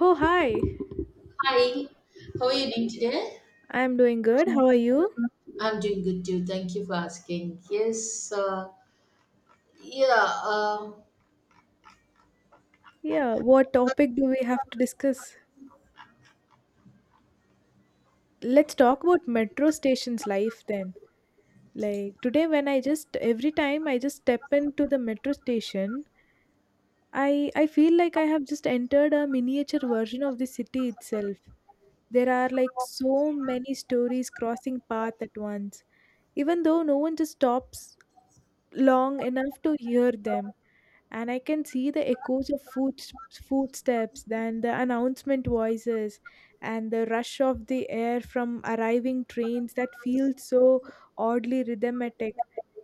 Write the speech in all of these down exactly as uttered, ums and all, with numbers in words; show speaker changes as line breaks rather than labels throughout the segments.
Oh, hi.
Hi, how are you doing today?
I'm doing good. How are you?
I'm doing good too. Thank you for asking. Yes, uh, yeah. Uh,
Yeah, what topic do we have to discuss? Let's talk about metro station's life then. Like today when I just every time I just step into the metro station, I I feel like I have just entered a miniature version of the city itself. There are like so many stories crossing path at once, even though no one just stops long enough to hear them. And I can see the echoes of foot, footsteps, then the announcement voices, and the rush of the air from arriving trains that feels so oddly rhythmic.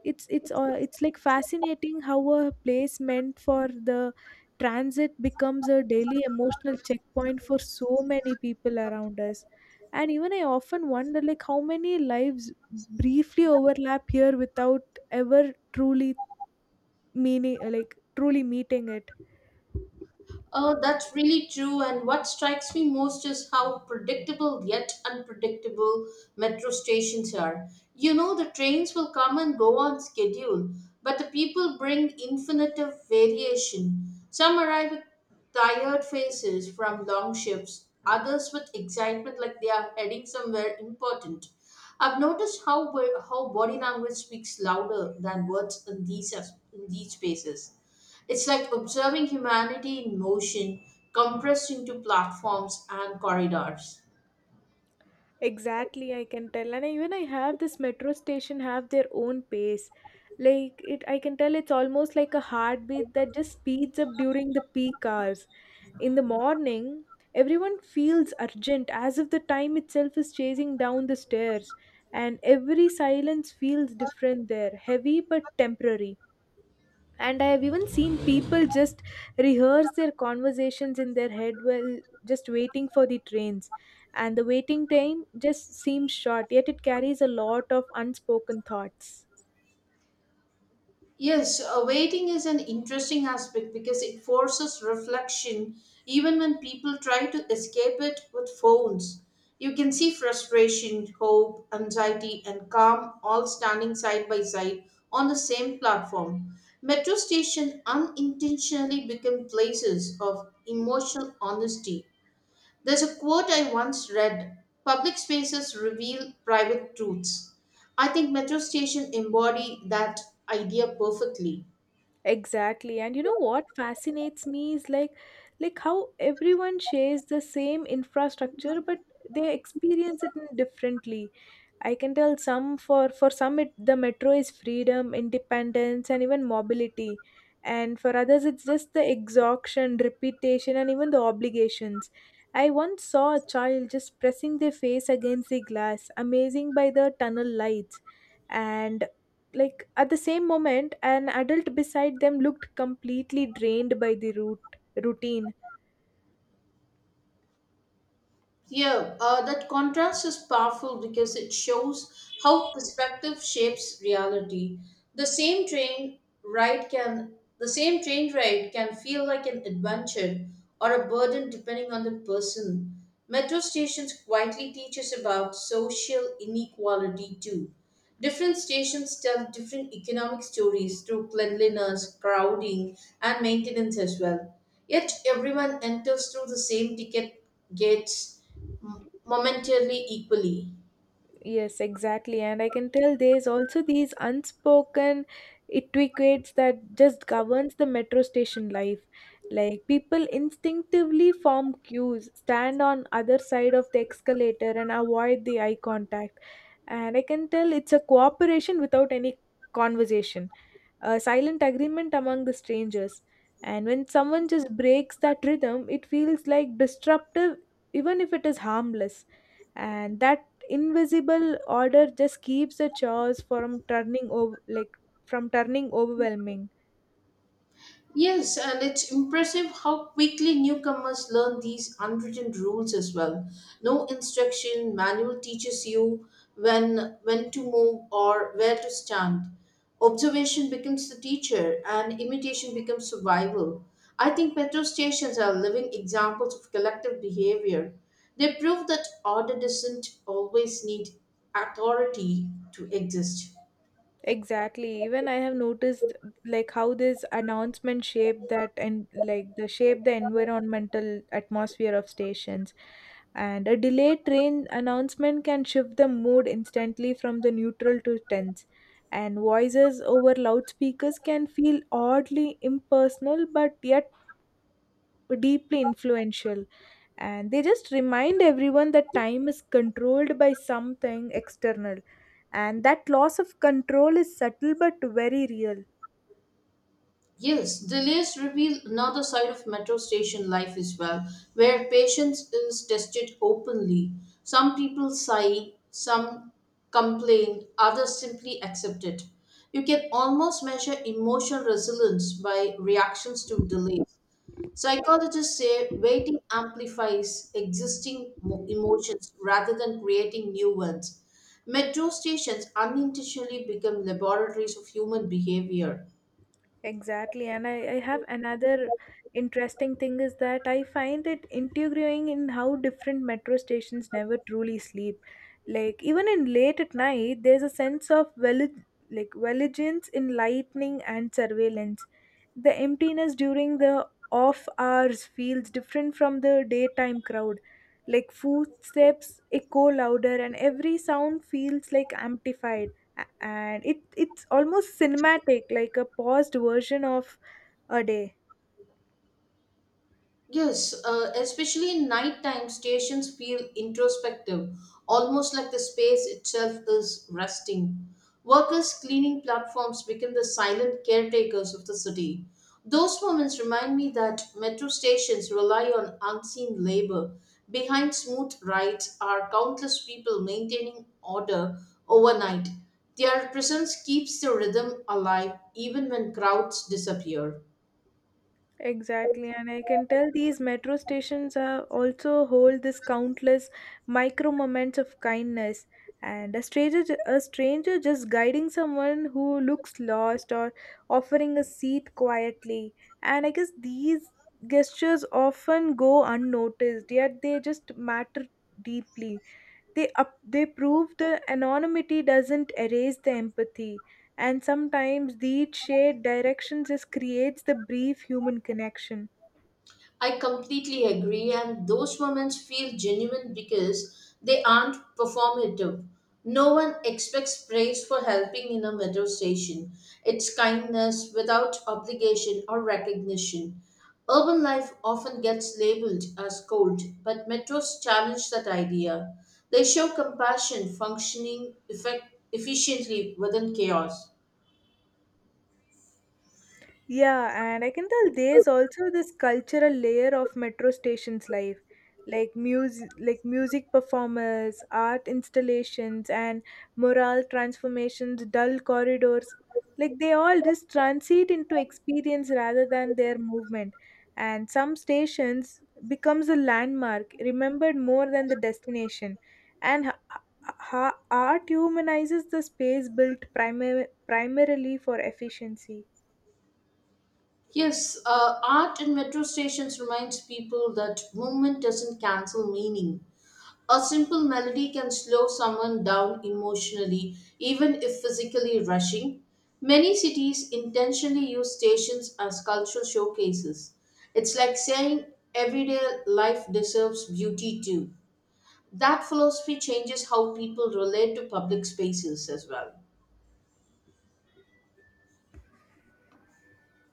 It's it's uh, it's like fascinating how a place meant for the transit becomes a daily emotional checkpoint for so many people around us. And even I often wonder like how many lives briefly overlap here without ever truly meaning like truly meeting it.
Oh, that's really true. And what strikes me most is how predictable yet unpredictable metro stations are. You know, the trains will come and go on schedule, but the people bring infinite of variation. Some arrive with tired faces from long shifts, others with excitement like they are heading somewhere important. I've noticed how, wo- how body language speaks louder than words in these, as- in these spaces. It's like observing humanity in motion, compressed into platforms and corridors.
Exactly, I can tell. And I, even I have this metro station have their own pace. Like it I can tell it's almost like a heartbeat that just speeds up during the peak hours. In the morning, everyone feels urgent as if the time itself is chasing down the stairs. And every silence feels different there, heavy but temporary. And I have even seen people just rehearse their conversations in their head while just waiting for the trains. And the waiting time just seems short, yet it carries a lot of unspoken thoughts.
Yes, uh, Waiting is an interesting aspect because it forces reflection even when people try to escape it with phones. You can see frustration, hope, anxiety, and calm all standing side by side on the same platform. Metro stations unintentionally become places of emotional honesty. There's a quote I once read: public spaces reveal private truths. I think metro station embody that idea perfectly.
Exactly, and you know what fascinates me is like like how everyone shares the same infrastructure but they experience it in differently. I can tell some for for some it, the metro is freedom, independence, and even mobility, and for others it's just the exhaustion, repetition, and even the obligations. I once saw a child just pressing their face against the glass, amazing by the tunnel lights, and like at the same moment, an adult beside them looked completely drained by the route routine.
Yeah, uh, that contrast is powerful because it shows how perspective shapes reality. The same train ride can the same train ride can feel like an adventure or a burden depending on the person. Metro stations quietly teach us about social inequality too. Different stations tell different economic stories through cleanliness, crowding, and maintenance as well. Yet everyone enters through the same ticket gates momentarily equally.
Yes, exactly. And I can tell there's also these unspoken etiquettes that just governs the metro station life. Like people instinctively form queues, stand on other side of the escalator and avoid the eye contact. And I can tell it's a cooperation without any conversation, a silent agreement among the strangers. And when someone just breaks that rhythm, it feels like disruptive, even if it is harmless. And that invisible order just keeps the chores from turning over, like from turning overwhelming.
Yes, and it's impressive how quickly newcomers learn these unwritten rules as well. No instruction manual teaches you when when to move or where to stand. Observation becomes the teacher and imitation becomes survival. I think petrol stations are living examples of collective behavior. They prove that order doesn't always need authority to exist.
Exactly. Even I have noticed like how this announcement shaped that and like the shape the environmental atmosphere of stations. And a delayed train announcement can shift the mood instantly from the neutral to tense. And voices over loudspeakers can feel oddly impersonal but yet deeply influential, and they just remind everyone that time is controlled by something external, and that loss of control is subtle but very real.
Yes, delays reveal another side of metro station life as well, where patience is tested openly. Some people sigh, some complain, others simply accept it. You can almost measure emotional resilience by reactions to delays. Psychologists say waiting amplifies existing mo- emotions rather than creating new ones. Metro stations unintentionally become laboratories of human behavior.
Exactly. And I, I have another interesting thing is that I find it intriguing in how different metro stations never truly sleep. Like even in late at night, there's a sense of vali- like vigilance in lightning and surveillance. The emptiness during the off hours feels different from the daytime crowd. Like footsteps echo louder and every sound feels like amplified. a- and it it's almost cinematic, like a paused version of a day.
Yes, uh, Especially in nighttime, stations feel introspective, almost like the space itself is resting. Workers cleaning platforms become the silent caretakers of the city. Those moments remind me that metro stations rely on unseen labor. Behind smooth rides are countless people maintaining order overnight. Their presence keeps the rhythm alive even when crowds disappear.
Exactly, and I can tell these metro stations are also hold this countless micro moments of kindness. And a stranger ju- a stranger just guiding someone who looks lost or offering a seat quietly. And I guess these gestures often go unnoticed, yet they just matter deeply. They up, they prove the anonymity doesn't erase the empathy. And sometimes these shared directions just creates the brief human connection.
I completely agree, and those moments feel genuine because they aren't performative. No one expects praise for helping in a metro station. It's kindness without obligation or recognition. Urban life often gets labeled as cold, but metros challenge that idea. They show compassion functioning effect- efficiently within chaos.
Yeah, and I can tell there's also this cultural layer of metro stations life, like music, like music performers, art installations, and moral transformations, dull corridors. Like they all just transit into experience rather than their movement. And some stations becomes a landmark, remembered more than the destination. And ha- ha- ha- art humanizes the space built primar- primarily for efficiency.
Yes, uh, Art in metro stations reminds people that movement doesn't cancel meaning. A simple melody can slow someone down emotionally, even if physically rushing. Many cities intentionally use stations as cultural showcases. It's like saying everyday life deserves beauty too. That philosophy changes how people relate to public spaces as well.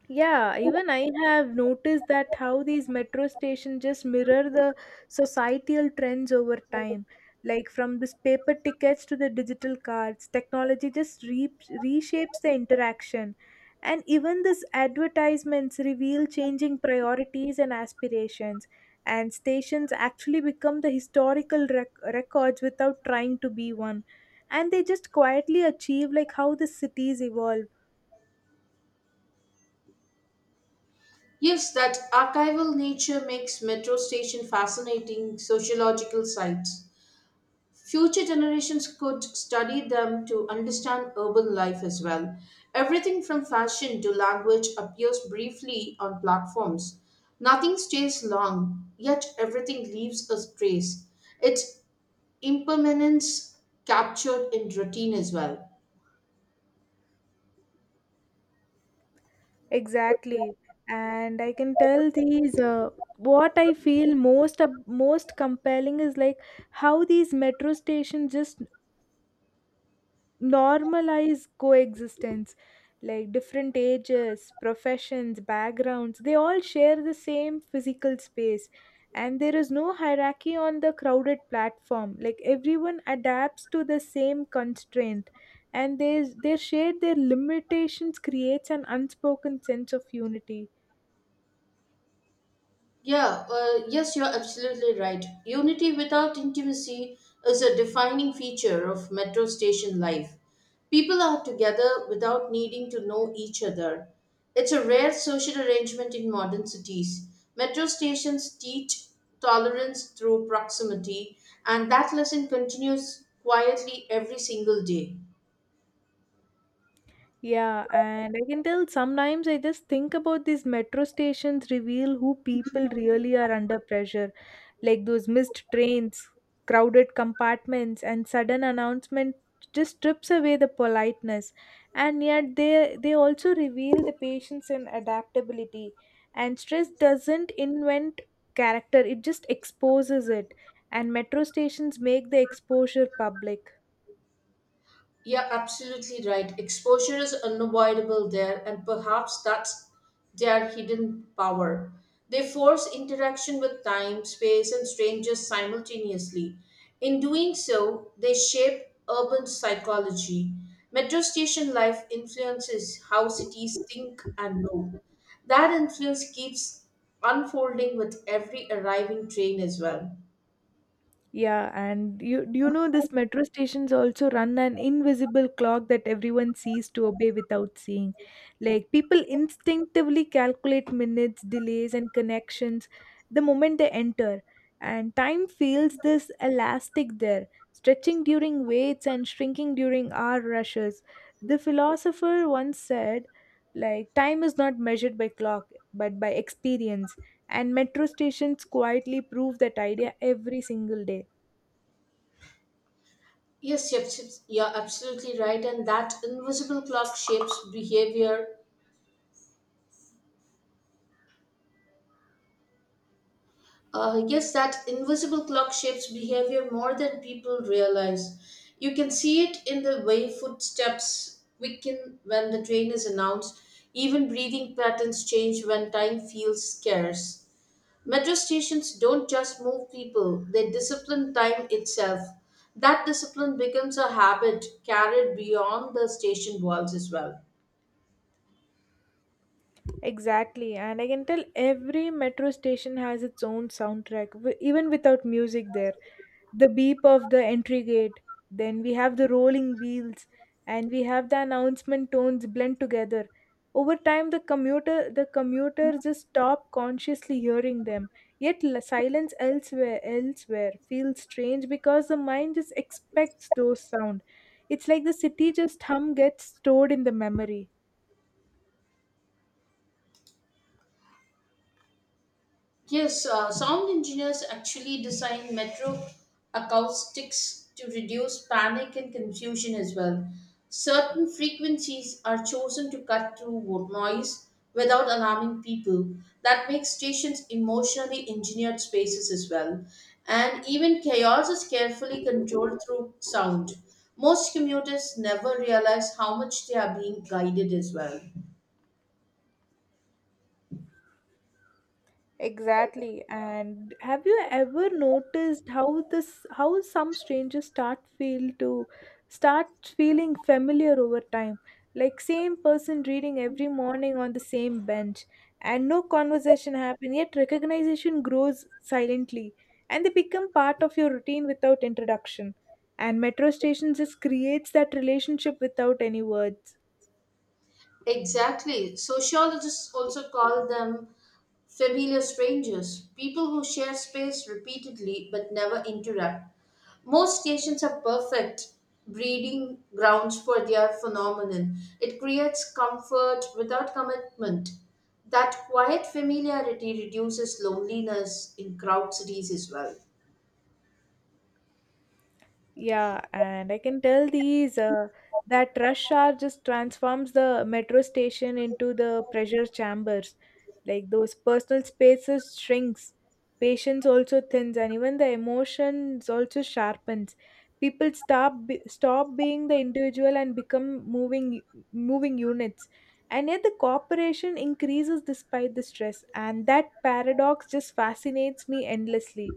Yeah, even I have noticed that how these metro stations just mirror the societal trends over time. Like from this paper tickets to the digital cards, technology just re- reshapes the interaction. And even these advertisements reveal changing priorities and aspirations. And stations actually become the historical rec- records without trying to be one. And they just quietly achieve like how the cities evolve.
Yes, that archival nature makes metro station fascinating sociological sites. Future generations could study them to understand urban life as well. Everything from fashion to language appears briefly on platforms. Nothing stays long, yet everything leaves a trace. Its impermanence captured in routine as well.
Exactly. And I can tell these uh, what I feel most ab most compelling is like how these metro stations just normalize coexistence. Like different ages, professions, backgrounds, they all share the same physical space. And there is no hierarchy on the crowded platform. Like everyone adapts to the same constraint. And there's their shared their limitations creates an unspoken sense of unity.
Yeah, uh, yes, you're absolutely right. Unity without intimacy is a defining feature of metro station life. People are together without needing to know each other. It's a rare social arrangement in modern cities. Metro stations teach tolerance through proximity, and that lesson continues quietly every single day.
Yeah, and I can tell sometimes I just think about these metro stations reveal who people really are under pressure, like those missed trains, crowded compartments, and sudden announcement just strips away the politeness. And yet they they also reveal the patience and adaptability. And stress doesn't invent character; it just exposes it. And metro stations make the exposure public.
You're absolutely right. Exposure is unavoidable there, and perhaps that's their hidden power. They force interaction with time, space, and strangers simultaneously. In doing so, they shape urban psychology. Metro station life influences how cities think and know. That influence keeps unfolding with every arriving train as well.
Yeah, and you do you know this metro stations also run an invisible clock that everyone sees to obey without seeing. Like people instinctively calculate minutes, delays, and connections the moment they enter, and time feels this elastic there, stretching during waits and shrinking during hour rushes. The philosopher once said, like time is not measured by clock but by experience, and metro stations quietly prove that idea every single day.
Yes, yes, yes, you're absolutely right. And that invisible clock shapes behavior. Uh, yes, that invisible clock shapes behavior more than people realize. You can see it in the way footsteps quicken when the train is announced. Even breathing patterns change when time feels scarce. Metro stations don't just move people, they discipline time itself. That discipline becomes a habit carried beyond the station walls as well.
Exactly, and I can tell every metro station has its own soundtrack, w- even without music there. The beep of the entry gate, then we have the rolling wheels, and we have the announcement tones blend together. Over time, the commuter the commuters just stop consciously hearing them. Yet l- silence elsewhere elsewhere feels strange because the mind just expects those sound. It's like the city just hum gets stored in the memory.
Yes, uh, Sound engineers actually design metro acoustics to reduce panic and confusion as well. Certain frequencies are chosen to cut through wo- noise without alarming people. That makes stations emotionally engineered spaces as well. And even chaos is carefully controlled through sound. Most commuters never realize how much they are being guided as well.
Exactly. And have you ever noticed how this how some strangers start feel to start feeling familiar over time? Like same person reading every morning on the same bench and no conversation happen, yet recognition grows silently and they become part of your routine without introduction. And metro stations just creates that relationship without any words.
Exactly. Sociologists also call them familiar strangers, people who share space repeatedly but never interrupt. Most stations are perfect breeding grounds for their phenomenon. It creates comfort without commitment. That quiet familiarity reduces loneliness in crowd cities as well.
Yeah, and I can tell these uh, that rush hour just transforms the metro station into the pressure chambers. Like those personal spaces shrinks, patience also thins, and even the emotions also sharpens. People stop be- stop being the individual and become moving moving units. And yet the cooperation increases despite the stress, and that paradox just fascinates me endlessly.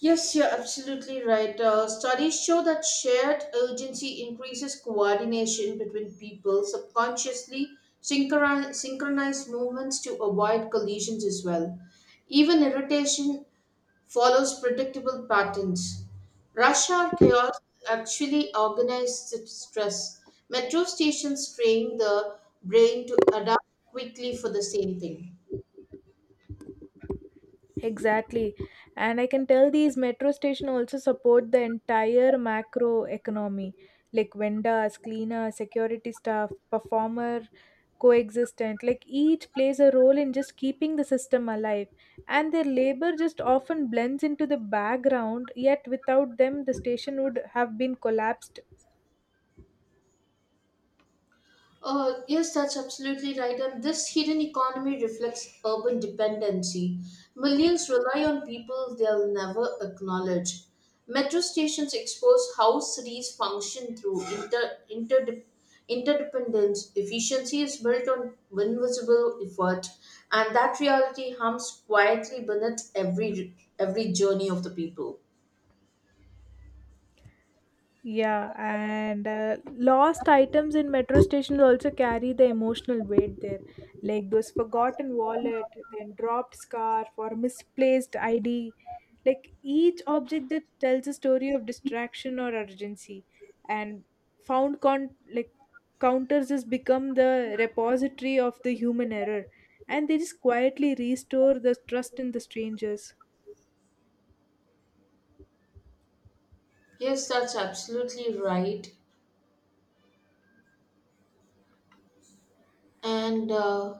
Yes, you're absolutely right. Uh, studies show that shared urgency increases coordination between people, subconsciously synchron- synchronize movements to avoid collisions as well. Even irritation follows predictable patterns. Rush hour chaos actually organizes stress. Metro stations train the brain to adapt quickly for the same thing.
Exactly. And I can tell these metro station also support the entire macro economy, like vendors, cleaner, security staff, performer, coexistent. Like each plays a role in just keeping the system alive. And their labor just often blends into the background, yet without them the station would have been collapsed.
Uh, yes, that's absolutely right. And this hidden economy reflects urban dependency. Millions rely on people they'll never acknowledge. Metro stations expose how cities function through inter, interde- interdependence. Efficiency is built on invisible effort, and that reality hums quietly beneath every every journey of the people.
Yeah, and uh, lost items in metro stations also carry the emotional weight there, like those forgotten wallet, then dropped scarf, or misplaced I D. Like each object that tells a story of distraction or urgency, and found con like counters just become the repository of the human error, and they just quietly restore the trust in the strangers.
Yes, that's absolutely right. And uh,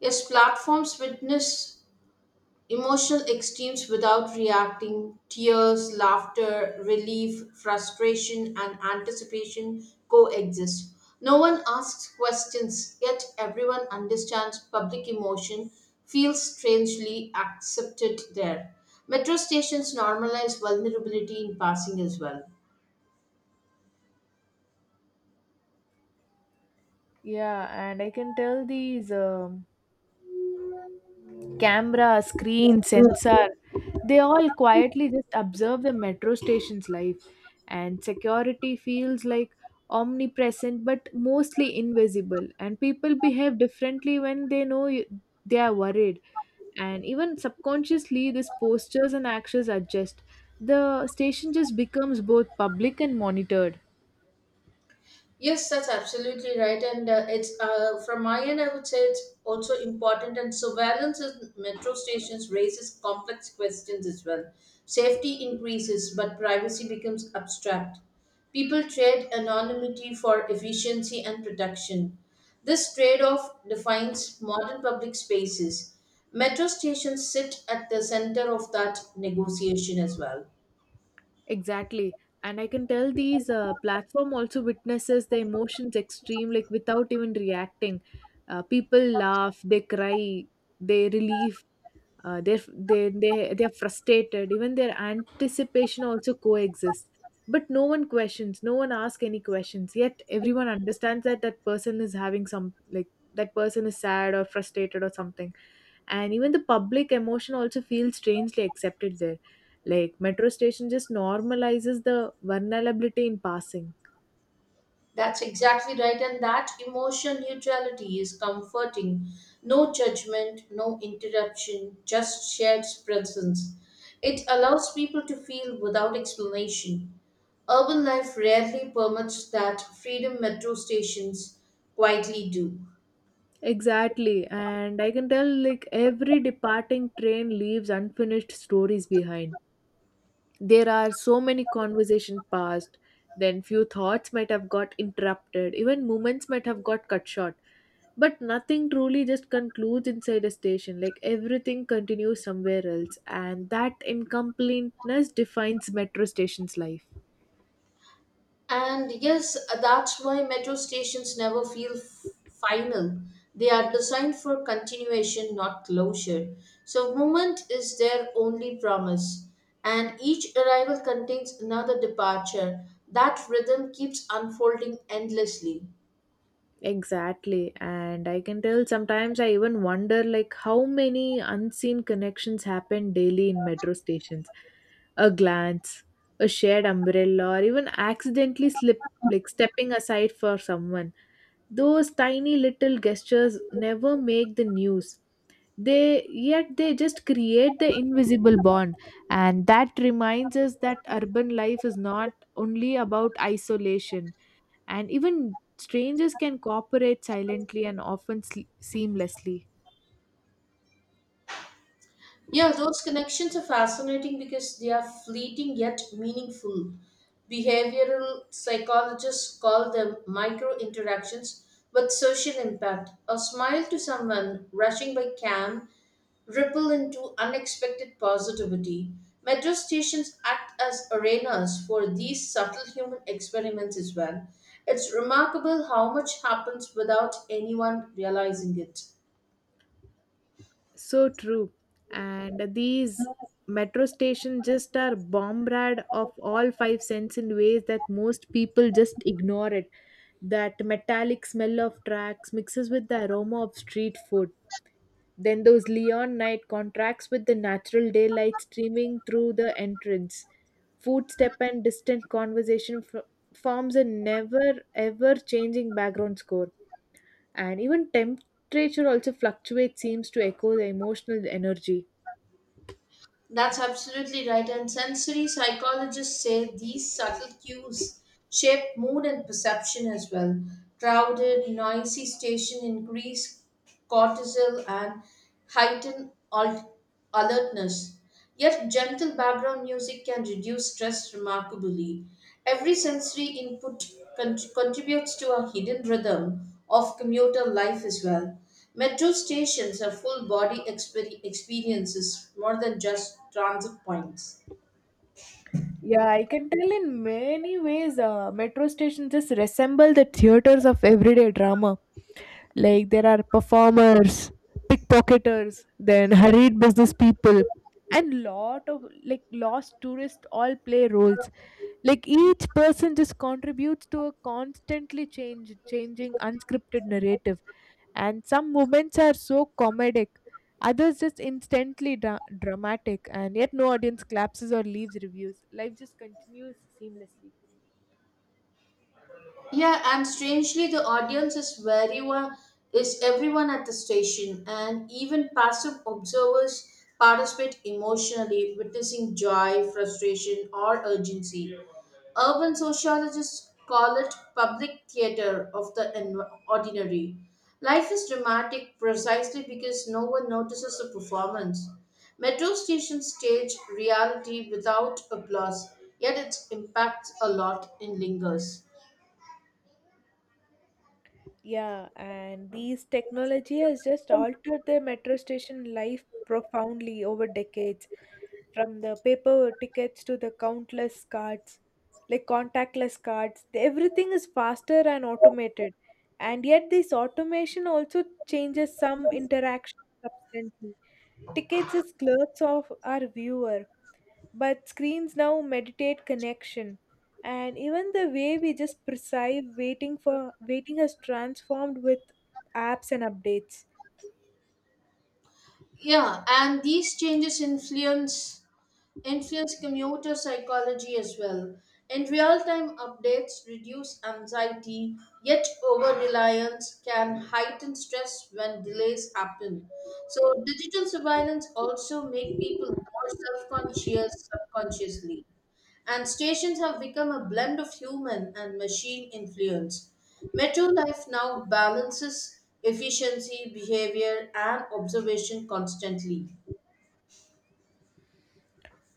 yes, platforms witness emotional extremes without reacting, tears, laughter, relief, frustration, and anticipation coexist. No one asks questions, yet everyone understands public emotion, feels strangely accepted there. Metro stations normalize vulnerability in passing as well.
Yeah, and I can tell these um camera, screen, sensor, they all quietly just observe the metro station's life. And security feels like omnipresent but mostly invisible. And people behave differently when they know you- they are worried. And even subconsciously, these postures and actions adjust. The station just becomes both public and monitored.
Yes, that's absolutely right. And uh, it's uh, from my end, I would say it's also important. And surveillance in metro stations raises complex questions as well. Safety increases, but privacy becomes abstract. People trade anonymity for efficiency and protection. This trade off defines modern public spaces. Metro stations sit at the center of that negotiation as well.
Exactly. And I can tell these uh, platform also witnesses the emotions extreme, like without even reacting. Uh, people laugh, they cry, they relieve, uh, they they they they are frustrated. Even their anticipation also coexists. But no one questions, no one asks any questions. Yet everyone understands that that person is having some like that person is sad or frustrated or something. And even the public emotion also feels strangely accepted there, like metro station just normalizes the vulnerability in passing.
That's exactly right, and that emotion neutrality is comforting. No judgment, no interruption, just shared presence. It allows people to feel without explanation. Urban life rarely permits that freedom metro stations quietly do.
Exactly, and I can tell like every departing train leaves unfinished stories behind. There are so many conversation passed, then few thoughts might have got interrupted, even moments might have got cut short. But nothing truly just concludes inside a station, like everything continues somewhere else, and that incompleteness defines metro station's life.
And yes, that's why metro stations never feel f- final. They are designed for continuation, not closure. So, movement is their only promise. And each arrival contains another departure. That rhythm keeps unfolding endlessly.
Exactly. And I can tell sometimes I even wonder like how many unseen connections happen daily in metro stations. A glance, a shared umbrella, or even accidentally slip like stepping aside for someone. Those tiny little gestures never make the news. They yet they just create the invisible bond. And that reminds us that urban life is not only about isolation, and even strangers can cooperate silently and often sle- seamlessly.
Yeah, those connections are fascinating because they are fleeting yet meaningful. Behavioral psychologists call them micro interactions with social impact. A smile to someone rushing by can ripple into unexpected positivity. Metro stations act as arenas for these subtle human experiments as well. It's remarkable how much happens without anyone realizing it.
So true. And these metro stations just are bombarded of all five senses in ways that most people just ignore it. That metallic smell of tracks mixes with the aroma of street food. Then those Leon night contracts with the natural daylight streaming through the entrance. Footstep and distant conversation f- forms a never ever changing background score. And even temperature also fluctuates, seems to echo the emotional energy.
That's absolutely right. And sensory psychologists say these subtle cues shape mood and perception as well. Crowded, noisy station increase cortisol and heighten al- alertness. Yet gentle background music can reduce stress remarkably. Every sensory input con- contributes to a hidden rhythm of commuter life as well. Metro stations are full body exper- experiences more than just transit points.
Yeah, I can tell in many ways uh, metro stations just resemble the theaters of everyday drama. Like there are performers, pickpocketers, then hurried business people, and lot of like lost tourists all play roles. Like each person just contributes to a constantly change changing unscripted narrative, and some moments are so comedic, others just instantly dra- dramatic, and yet no audience collapses or leaves reviews. Life just continues seamlessly.
Yeah, and strangely, the audience is very wa- is everyone at the station, and even passive observers participate emotionally, witnessing joy, frustration, or urgency. Urban sociologists call it public theater of the en- ordinary. Life is dramatic precisely because no one notices the performance. Metro stations stage reality without applause, yet its impacts a lot and lingers.
Yeah, and these technology has just altered the metro station life profoundly over decades, from the paper tickets to the countless cards, like contactless cards. the- Everything is faster and automated, and yet this automation also changes some interaction substantially. Tickets as clerks of our viewer, but screens now meditate connection and even the way we just perceive waiting for waiting has transformed with apps and updates.
Yeah, and these changes influence influence commuter psychology as well. And real time updates reduce anxiety, yet over reliance can heighten stress when delays happen. So, digital surveillance also make people more self conscious subconsciously and stations have become a blend of human and machine influence. Metro life now balances efficiency, behavior, and observation constantly.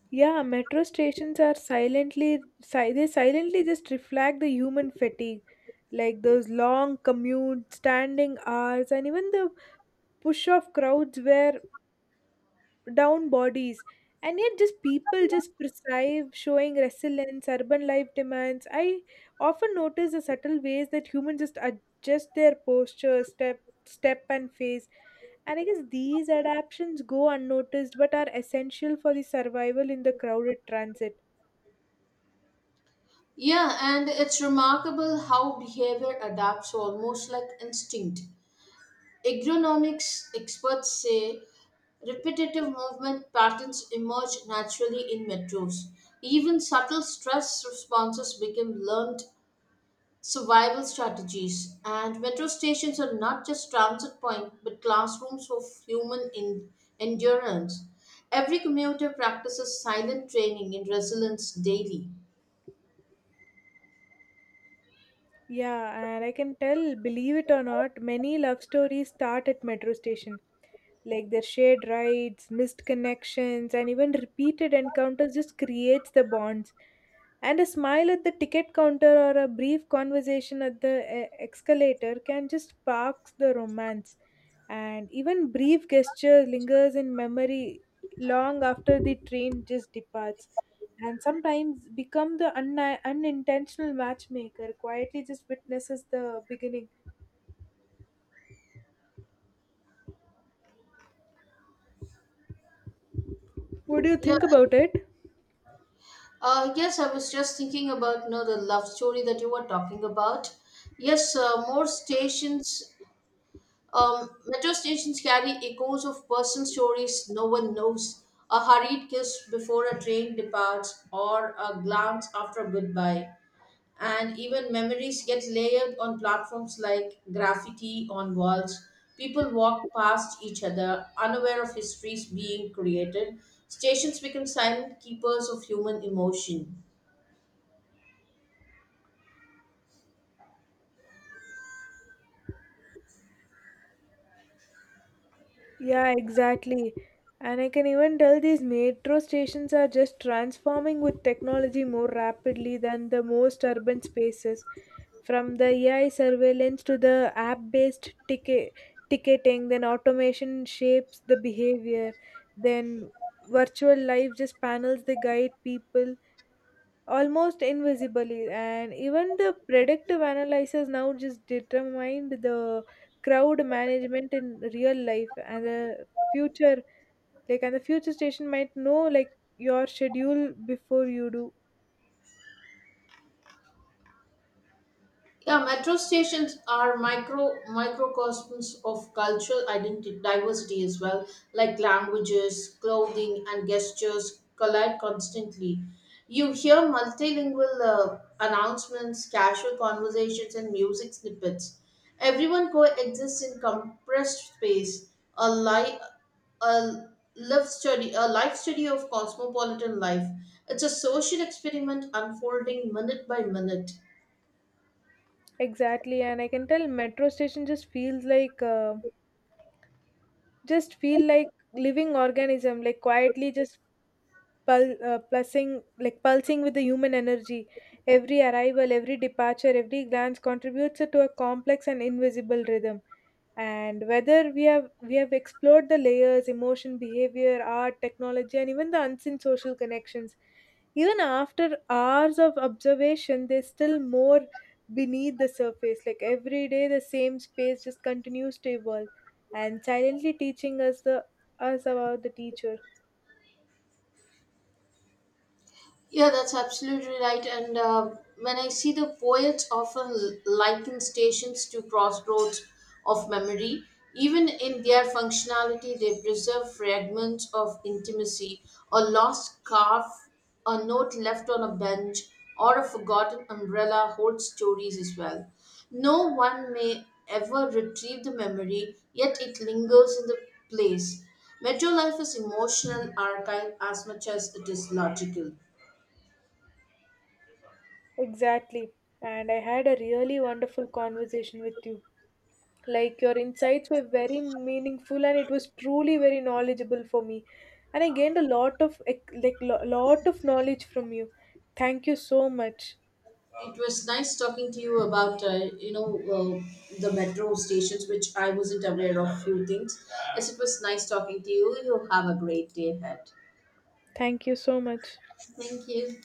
Yeah, metro stations are silently si- they silently just reflect the human fatigue, like those long commute standing hours and even the push of crowds where down bodies, and yet just people just thrive showing resilience urban life demands. I often notice the subtle ways that humans just adjust their posture, step step and face, and I guess these adaptations go unnoticed but are essential for the survival in the crowded transit.
Yeah, and it's remarkable how behavior adapts almost like instinct. Agronomics experts say repetitive movement patterns emerge naturally in metros. Even subtle stress responses become learned survival strategies. And metro stations are not just transit points but classrooms of human in- endurance. Every commuter practices silent training in resilience daily.
Yeah, and I can tell, believe it or not, many love stories start at metro station. Like their shared rides, missed connections, and even repeated encounters just creates the bonds. And a smile at the ticket counter or a brief conversation at the eh, escalator can just spark the romance. And even brief gesture lingers in memory long after the train just departs, and sometimes become the unni unintentional matchmaker, quietly just witnesses the beginning. What do you
Yeah,
think about it?
Uh, yes, I was just thinking about you know the love story that you were talking about. Yes, uh, more stations, um, metro stations carry echoes of personal stories no one knows. A hurried kiss before a train departs, or a glance after a goodbye, and even memories get layered on platforms like graffiti on walls. People walk past each other, unaware of histories being created. Stations become silent keepers of human emotion.
Yeah, exactly. And I can even tell these metro stations are just transforming with technology more rapidly than the most urban spaces. From the A I surveillance to the app based ticket ticketing, then automation shapes the behavior, then virtual life just panels, they guide people almost invisibly, and even the predictive analysis now just determined the crowd management in real life and the future, like and the future station might know like your schedule before you do.
Yeah, metro stations are micro microcosms of cultural identity diversity as well, like languages, clothing, and gestures collide constantly. You hear multilingual uh, announcements, casual conversations, and music snippets. Everyone coexists in compressed space, a, li- a live study, a life study of cosmopolitan life. It's a social experiment unfolding minute by minute.
Exactly, and I can tell metro station just feels like uh, just feel like living organism, like quietly just pul- uh, pulsing like pulsing with the human energy. Every arrival, every departure, every glance contributes to a complex and invisible rhythm, and whether we have we have explored the layers emotion behavior art technology and even the unseen social connections, even after hours of observation there's still more beneath the surface. Like every day the same space just continues to evolve and silently teaching us the us about the teacher.
Yeah, that's absolutely right. And uh, When I see the poets often liken stations to crossroads of memory, even in their functionality, they preserve fragments of intimacy, a lost scarf, a note left on a bench, or a forgotten umbrella hold stories as well. No one may ever retrieve the memory, yet it lingers in the place. Metro life is emotional archive as much as it is logical.
Exactly, and I had a really wonderful conversation with you. Like your insights were very meaningful and it was truly very knowledgeable for me. And I gained a lot of like lo- lot of knowledge from you. Thank you so much.
It was nice talking to you about uh, you know uh, the metro stations, which I wasn't aware of few things. Yes, it was nice talking to you. You have a great day ahead.
Thank you so much.
Thank you.